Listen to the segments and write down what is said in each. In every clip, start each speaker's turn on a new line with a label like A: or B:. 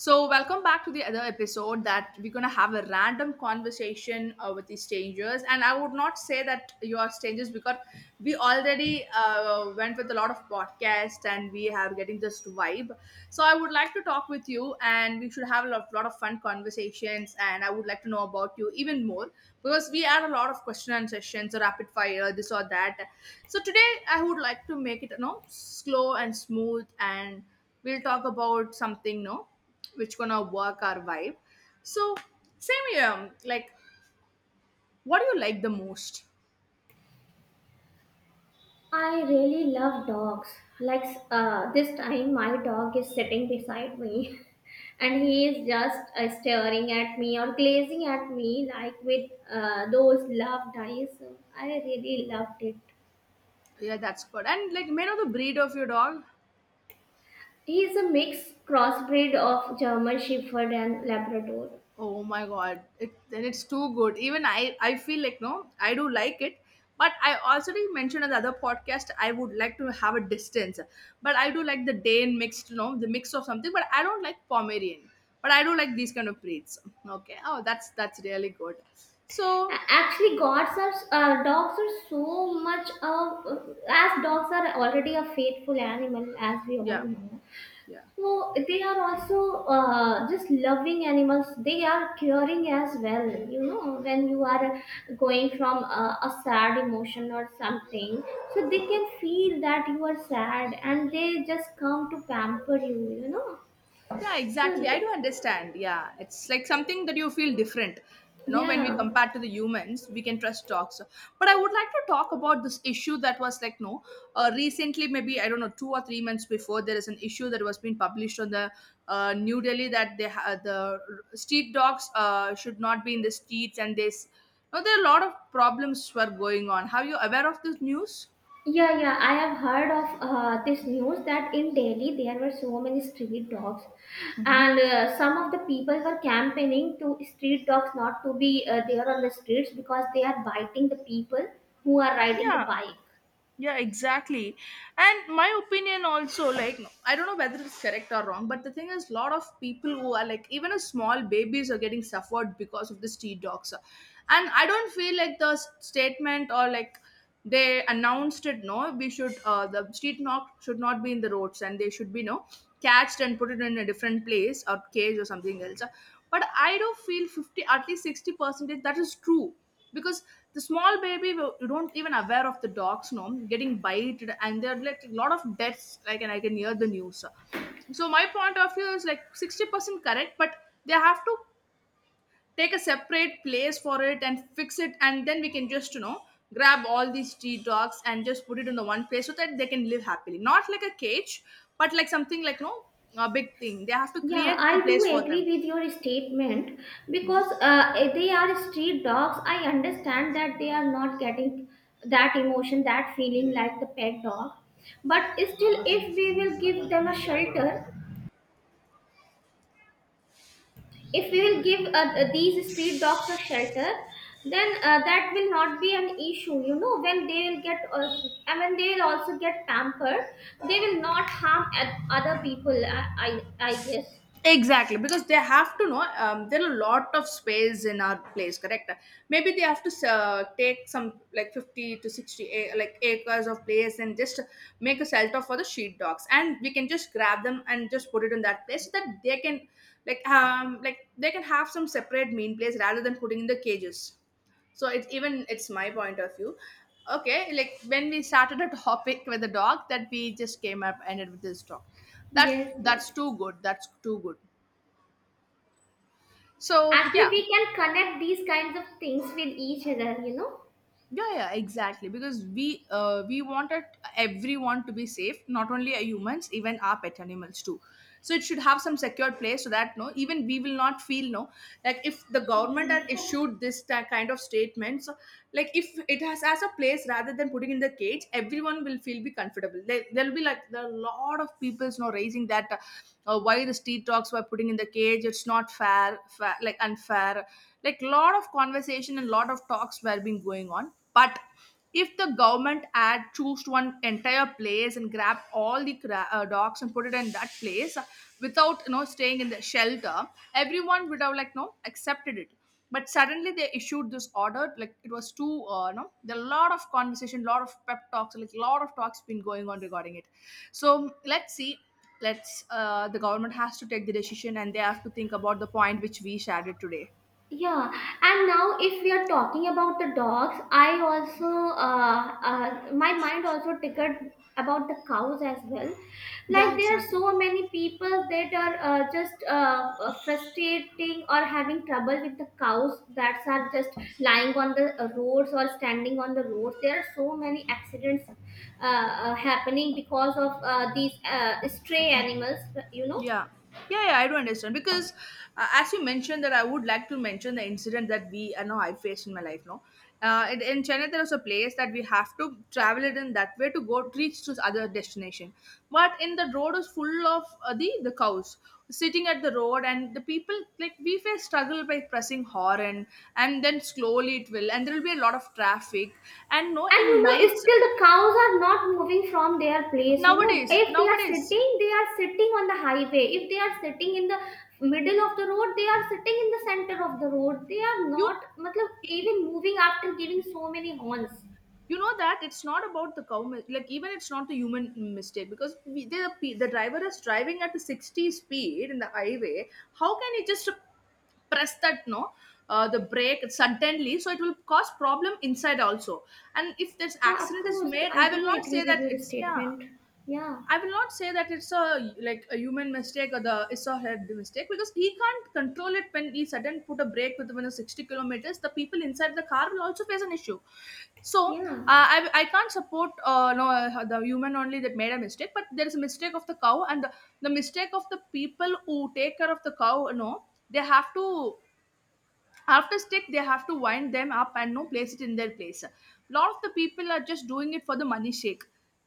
A: So, welcome back to the other episode that we're going to have a random conversation with the strangers. And I would not say that you are strangers because we already went with a lot of podcasts and we are getting this vibe. So, I would like to talk with you and we should have a lot of fun conversations. And I would like to know about you even more because we had a lot of question and sessions, rapid fire, this or that. So, today I would like to make it, slow and smooth and we'll talk about something, no? Which gonna work our vibe. So, same here. Like, what do you like the most?
B: I really love dogs. Like this time, my dog is sitting beside me, and he is just staring at me or glazing at me like with those loved eyes. So I really loved it.
A: Yeah, that's good. And like, may I know the breed of your dog?
B: He is a mixed crossbreed of German Shepherd and Labrador.
A: Oh my god, it then it's too good. Even I feel like no, I do like it. But I also did mention in the other podcast I would like to have a distance. But I do like the Dane mixed, you know, the mix of something. But I don't like Pomerian, but I do like these kind of breeds. Okay. Oh, that's really good. So,
B: A- Actually, gods are Dogs are so much of as dogs are already a faithful animal, as we all
A: yeah,
B: know.
A: yeah.
B: So they are also just loving animals. They are curing as well. You know, when you are going from a sad emotion or something, so they can feel that you are sad, and they just come to pamper you
A: Yeah,
B: so
A: exactly, I do
B: they,
A: understand. Yeah, it's like something that you feel different. You know, when we
B: yeah.
A: compare to the humans, we can trust dogs. But I would like to talk about this issue that was like, no, recently, maybe I don't know, 2 or 3 months before, there is an issue that was being published on the New Delhi that the street dogs should not be in the streets, and this, no, there are a lot of problems were going on. Are you aware of this news?
B: Yeah, I have heard of this news that in Delhi there were so many street dogs, and some of the people were campaigning to street dogs not to be there on the streets because they are biting the people who are riding the
A: Yeah.
B: bike.
A: Yeah, exactly. And my opinion also, like, I don't know whether it's correct or wrong, but the thing is, lot of people who are like, even a small babies are getting suffered because of the street dogs. And I don't feel like statement or like they announced it, no, we should, the street dog should not be in the roads, and they should be, no, catched and put it in a different place or cage or something else. But I do feel 50, at least 60 percentage that is true, because the small baby will- you don't even aware of the dogs, no, getting bited, and there are like a lot of deaths like, and I can hear the news. So my point of view is like 60% correct, but they have to take a separate place for it and fix it, and then we can just, you know, grab all these street dogs and just put it in the one place so that they can live happily, not like a cage, but like something like, no, a big thing they have to
B: Yeah,
A: create the
B: I do
A: place for
B: agree
A: them.
B: with your statement because they are street dogs. I understand that they are not getting that emotion, that feeling like the pet dog. But still, if we will give them a shelter, if we will give these street dogs a shelter, then that will not be an issue, you know, when they will get, I mean, they will also get pampered. They will not harm other people, I guess.
A: Exactly, because they have to know, there are a lot of space in our place, correct? Maybe they have to take some like 50 to 60 like acres of place and just make a shelter for the sheep dogs, and we can just grab them and just put it in that place so that they can like, um, like they can have some separate mean place rather than putting in the cages. So it's even it's my point of view. Okay, like when we started a topic with the dog, that we just came up ended with this dog. That
B: Yes,
A: that's too good. That's too good. So
B: actually
A: yeah,
B: we can connect these kinds of things with each other, you know.
A: yeah, yeah, exactly, because we wanted everyone to be safe, not only our humans, even our pet animals too. So it should have some secured place so that no even we will not feel, no, like if the government had issued kind of statements so, like if it has as a place rather than putting in the cage, everyone will feel be comfortable there, there'll be like there are a lot of people, you know, raising that why the street dogs were putting in the cage, it's not fair, like unfair, like lot of conversations and a lot of talks were being going on. But if the government had choose one entire place and grab all the dogs and put it in that place, without you know staying in the shelter, everyone would have like no accepted it. But suddenly they issued this order like it was too no there are a lot of conversation, lot of pep talks, like a lot of talks been going on regarding it. So let's see. Let's the government has to take the decision, and they have to think about the point which we shared it today.
B: Yeah, and now if we are talking about the dogs, I also my mind also tickled about the cows as well.
A: Yeah,
B: Like there are
A: exactly.
B: so many people that are just frustrating or having trouble with the cows that are just lying on the roads or standing on the roads. There are so many accidents happening because of these stray animals, you know.
A: Yeah. Yeah, yeah, I do understand because as you mentioned, that I would like to mention the incident that we no I faced in my life. No, in Chennai there was a place that we have to travel it in that way to go to reach to other destination. But in the road is full of the cows sitting at the road, and the people like we face struggle by pressing horn, and then slowly it will, and there will be a lot of traffic, and no
B: And you
A: in
B: know, it's
A: nights.
B: still the cows are not moving from their place. You know,
A: nowadays
B: if they are
A: nowadays
B: sitting, they are sitting on the highway. If they are sitting in the middle of the road, they are sitting in the center of the road. They are
A: you
B: not, matlab, even moving after giving so many horns.
A: you know that it's not about like even it's not the human mistake, because we, the, the driver is driving at the 60 speed in the highway. How can he just press that, no, the brake suddenly? So it will cause problem inside also. And if this
B: Yeah, of
A: accident is
B: course,
A: made,
B: I
A: I
B: do
A: will not
B: agree
A: say
B: with
A: that
B: your
A: it's, yeah,
B: statement. Yeah,
A: I will not say that it's a like a human mistake, or the it's a head mistake, because he can't control it when he sudden put a brake with within the 60 kilometers. The people inside the car will also face an issue. So
B: yeah.
A: I can't support, no, the human only that made a mistake, but there is a mistake of the cow and the mistake of the people who take care of the cow. No, they have to after stick they have to wind them up and no place it in their place. Lot of the people are just doing it for the money shake,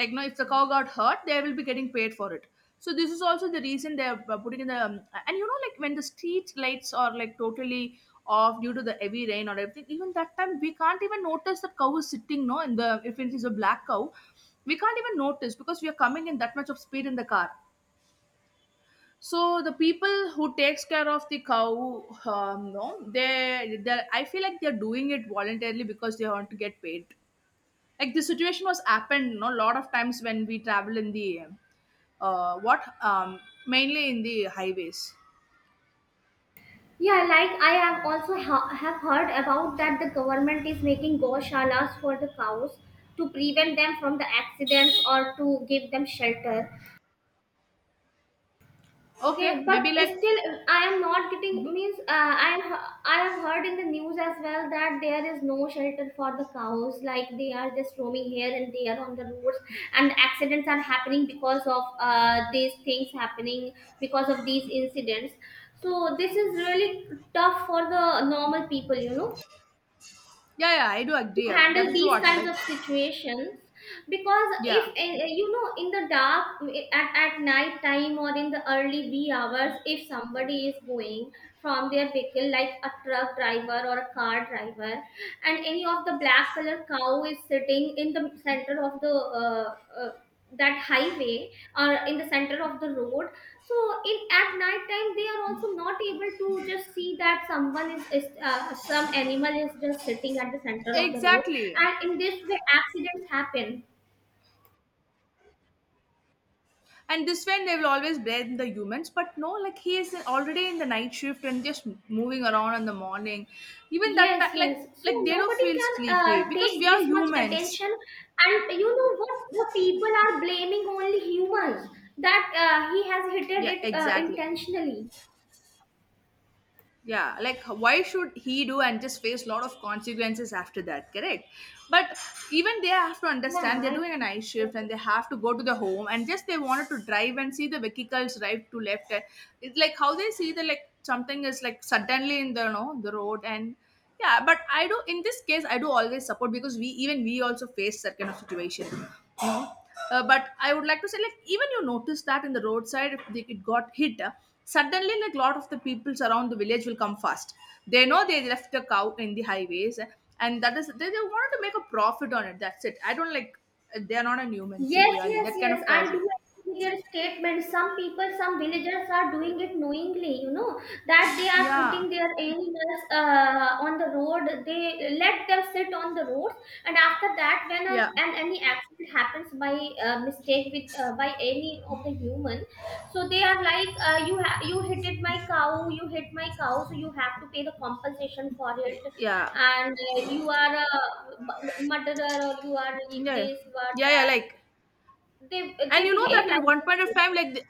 A: like, no, if the cow got hurt, they will be getting paid for it. So this is also the reason they're putting in the and you know, like, when the street lights are like totally off due to the heavy rain or everything, even that time we can't even notice that cow is sitting, no, in the, if it is a black cow, we can't even notice, because we are coming in that much of speed in the car. So the people who takes care of the cow, no, they I feel like they're doing it voluntarily because they want to get paid. Like the situation was happened, no, a lot of times when we travel in the what mainly in the highways.
B: Yeah, like I have also have heard about that the government is making goshalas for the cows to prevent them from the accidents or to give them shelter.
A: Okay,
B: Okay, but
A: maybe like,
B: still, I am not getting means. I am. I have heard in the news as well that there is no shelter for the cows. Like they are just roaming here and there on the roads, and accidents are happening because of these things happening because of these incidents. So this is really tough for the normal people, you know,
A: yeah, yeah, I do
B: to
A: agree, that
B: handle
A: is
B: these
A: what,
B: kinds
A: like,
B: of situations. Because if
A: yeah,
B: eh, eh, you know, in the dark, at night time or in the early wee hours, if somebody is going from their vehicle, like a truck driver or a car driver, and any of the black color cow is sitting in the center of the uh, uh, that highway or in the center of the road, so in at night time they are also not able to just see that someone is, some animal is just sitting at the center of the road,
A: exactly.
B: and in this way accidents happen.
A: And this way, they will always blame the humans, but no, like he is already in the night shift and just moving around in the morning. Even
B: Yes,
A: like
B: yes. So
A: like they don't
B: nobody
A: feel
B: can
A: sleepy because
B: take
A: we are
B: this much
A: humans.
B: attention, and you know what? The people are blaming only humans that he has hit
A: Yeah,
B: it
A: exactly.
B: intentionally.
A: Yeah, like why should he do and just face lot of consequences after that, correct? But even they have to
B: Yeah,
A: understand they're
B: I
A: doing a
B: think.
A: night shift, and they have to go to the home, and just they wanted to drive and see the vehicles drive to left. It's like how they see the like something is like suddenly in the you know the road, and yeah, but I do in this case I do always support, because we even we also face that kind of situation, you know. Uh, but I would like to say like even you notice that in the roadside, if they, it got hit suddenly, like lot of the peoples around the village will come fast, they know they left a cow in the highways and that is they wanted to make a profit on it, that's it, I don't like, they're not a human
B: Yes,
A: really,
B: yes,
A: that kind
B: yes.
A: of
B: I do
A: person.
B: agree with your statement. Some people, some villagers are doing it knowingly, you know, that they are
A: Yeah,
B: putting their animals on the road. They let them sit on the roads, and after that, when
A: yeah,
B: an any accident happens by mistake with by any of the human, so they are like, you hit it my cow, you hit my cow, so you have to pay the compensation for it,
A: yeah,
B: and you are a murderer or you are
A: yeah, yeah,
B: this you are
A: yeah, yeah,
B: that
A: like,
B: they
A: and
B: they
A: you know
B: behave
A: that at
B: like
A: one point of
B: this.
A: time like the,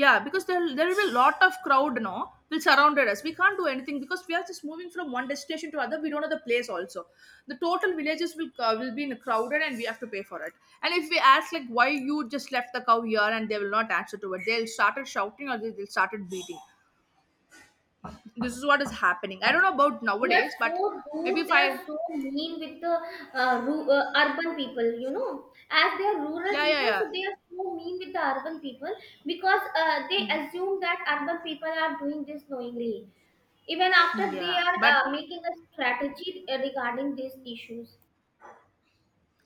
A: yeah, because there will be a lot of crowd, now will surrounded us. We can't do anything because we are just moving from one destination to other. We don't know the place also. The total villages will be crowded, and we have to pay for it. And if we ask, like, why you just left the cow here, and they will not answer to it, they'll started shouting or they'll started beating. This is what is happening. I don't know about
B: They are
A: nowadays, but
B: so
A: maybe
B: rude.
A: if
B: They are
A: I,
B: so mean with the urban people. You know, as they are rural
A: yeah, yeah,
B: people,
A: yeah.
B: so they are so mean with the urban people because they
A: Mm.
B: assume that urban people are doing this knowingly, even after they
A: Yeah,
B: are
A: but
B: making a strategy regarding these issues.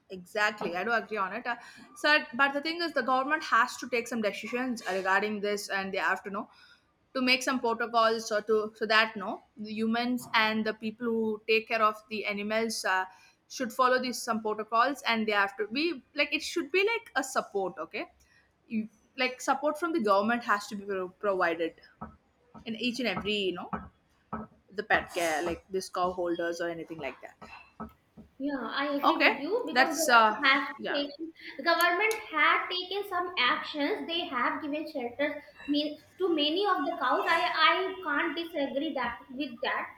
A: exactly, I do agree on it. So, but the thing is, the government has to take some decisions regarding this, and they have to know to make some protocols or to so that no, the humans and the people who take care of the animals should follow these some protocols, and they have to be like it should be like a support. Okay, you, like support from the government has to be provided in each and every the pet care, like this cow holders or anything like that.
B: Yeah, I agree
A: Okay,
B: with you because
A: that's yeah,
B: government had taken some actions. They have given shelters mean to many of the cows. I can't disagree that with that.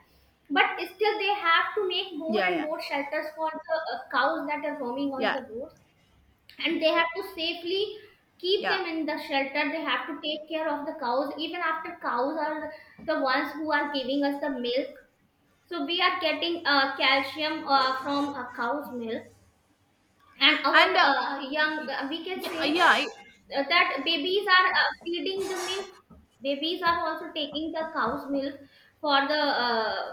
B: But still, they have to make more
A: yeah,
B: and
A: yeah.
B: more shelters for the cows that are roaming on
A: Yeah,
B: the roads, and they have to safely keep
A: yeah.
B: them in the shelter. They have to take care of the cows even after. Cows are the ones who are giving us the milk, so we are getting calcium from a cow's milk, and our
A: And
B: uh, young
A: y-
B: uh, we can
A: yeah,
B: say,
A: yeah,
B: that babies are feeding the milk. Babies are also taking the cow's milk for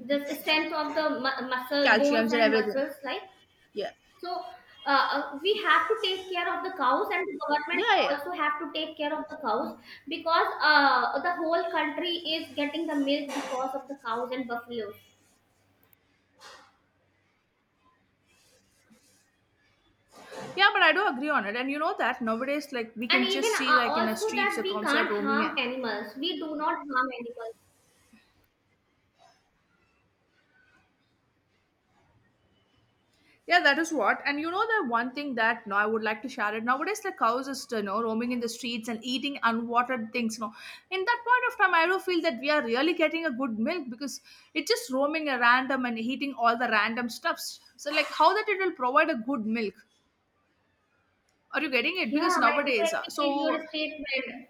B: the strength of the muscle bones
A: calciums and
B: and
A: everything.
B: muscles. Like,
A: Yeah,
B: so, we have to take care of the cows, and the government
A: yeah, yeah,
B: also have to take care of the cows because the whole country is getting the milk because of the cows and buffaloes.
A: yeah. But I do agree on it, and you know that nowadays, like, we
B: And
A: can
B: even
A: just see like in the
B: also
A: streets
B: that
A: the
B: we
A: cows are
B: can't
A: roaming
B: harm
A: and,
B: animals, we do not harm animals.
A: yeah, that is what. And you know the one thing that no, I would like to share it. Nowadays the cows is, roaming in the streets and eating unwatered things. No, in that point of time I do feel that we are really getting a good milk, because it's just roaming a random and eating all the random stuffs, so like how that it will provide a good milk. Are you getting it?
B: Yeah,
A: Because
B: I do
A: nowadays,
B: agree with your
A: so
B: statement.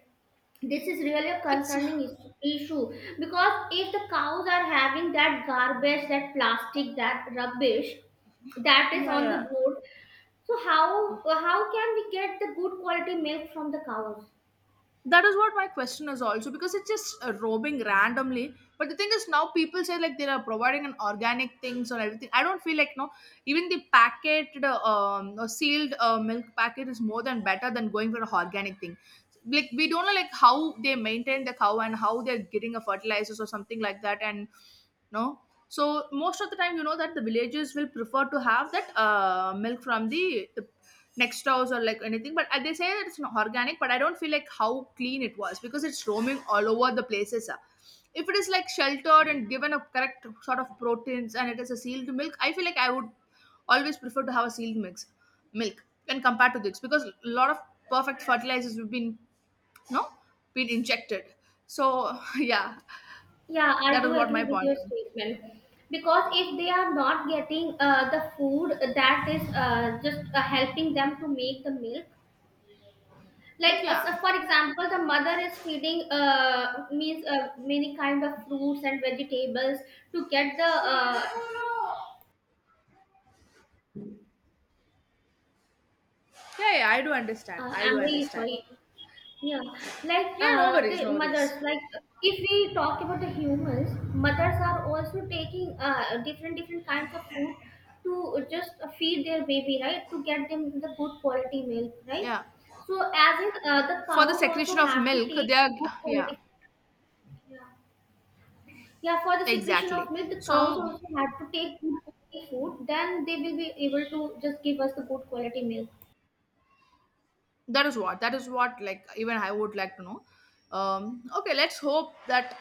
B: This is really a
A: it's
B: concerning issue because if the cows are having that garbage, that plastic, that rubbish that is
A: yeah,
B: on the
A: yeah.
B: road, so how can we get the good quality milk from the cows?
A: That is what my question is also, because it's just roaming randomly. But the thing is, now people say like they are providing an organic things or everything, I don't feel like, no. Even the packet or sealed milk packet is more than better than going for a organic thing. Like, we don't know like how they maintain the cow and how they're getting a fertilizers or something like that. And no, so most of the time you know that the villagers will prefer to have that milk from the next house or like anything. But they say that it's not organic, but I don't feel like how clean it was, because it's roaming all over the places. If it is like sheltered and given a correct sort of proteins, and it is a sealed milk, I feel like I would always prefer to have a sealed mix milk when compared to this, because a lot of perfect fertilizers have been, no, been injected. So yeah,
B: Yeah, I
A: that
B: do
A: is what
B: agree
A: my
B: with
A: point
B: your statement because if they are not getting the food that is just helping them to make the milk,
A: is.
B: like
A: Yeah,
B: so for example, the mother is feeding means many kind of fruits and vegetables to get the. Uh,
A: yeah, yeah. I do understand,
B: uh,
A: I do
B: I'm really
A: understand.
B: sorry. Yeah, like
A: Yeah, no worries,
B: the
A: no
B: mothers,
A: worries.
B: like if we talk about the humans, mothers are also taking different different kinds of food to just feed their baby, right? To get them the good quality milk, right?
A: Yeah,
B: So as in the
A: for the
B: cows also
A: secretion of
B: have to
A: milk,
B: take
A: they are.
B: the good
A: Yeah,
B: quality. Yeah, yeah, for the secretion of
A: exactly.
B: milk, the cows
A: So
B: also had to take good quality food. Then they will be able to just give us the good quality milk.
A: that is what, like, even I would like to know. Okay, let's hope that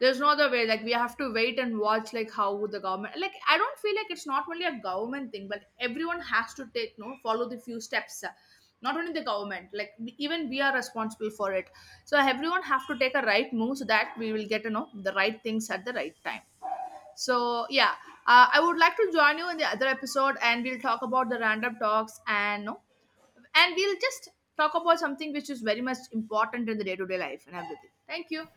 A: there's no other way. Like, we have to wait and watch, like how the government, like, I don't feel like it's not only a government thing, but everyone has to take, no, follow the few steps not only the government, like, even we are responsible for it. So everyone have to take a right move so that we will get, the right things at the right time. So yeah, I would like to join you in the other episode, and we'll talk about the random talks, and, no, and we'll just talk about something which is very much important in the day to day life and everything. Thank you.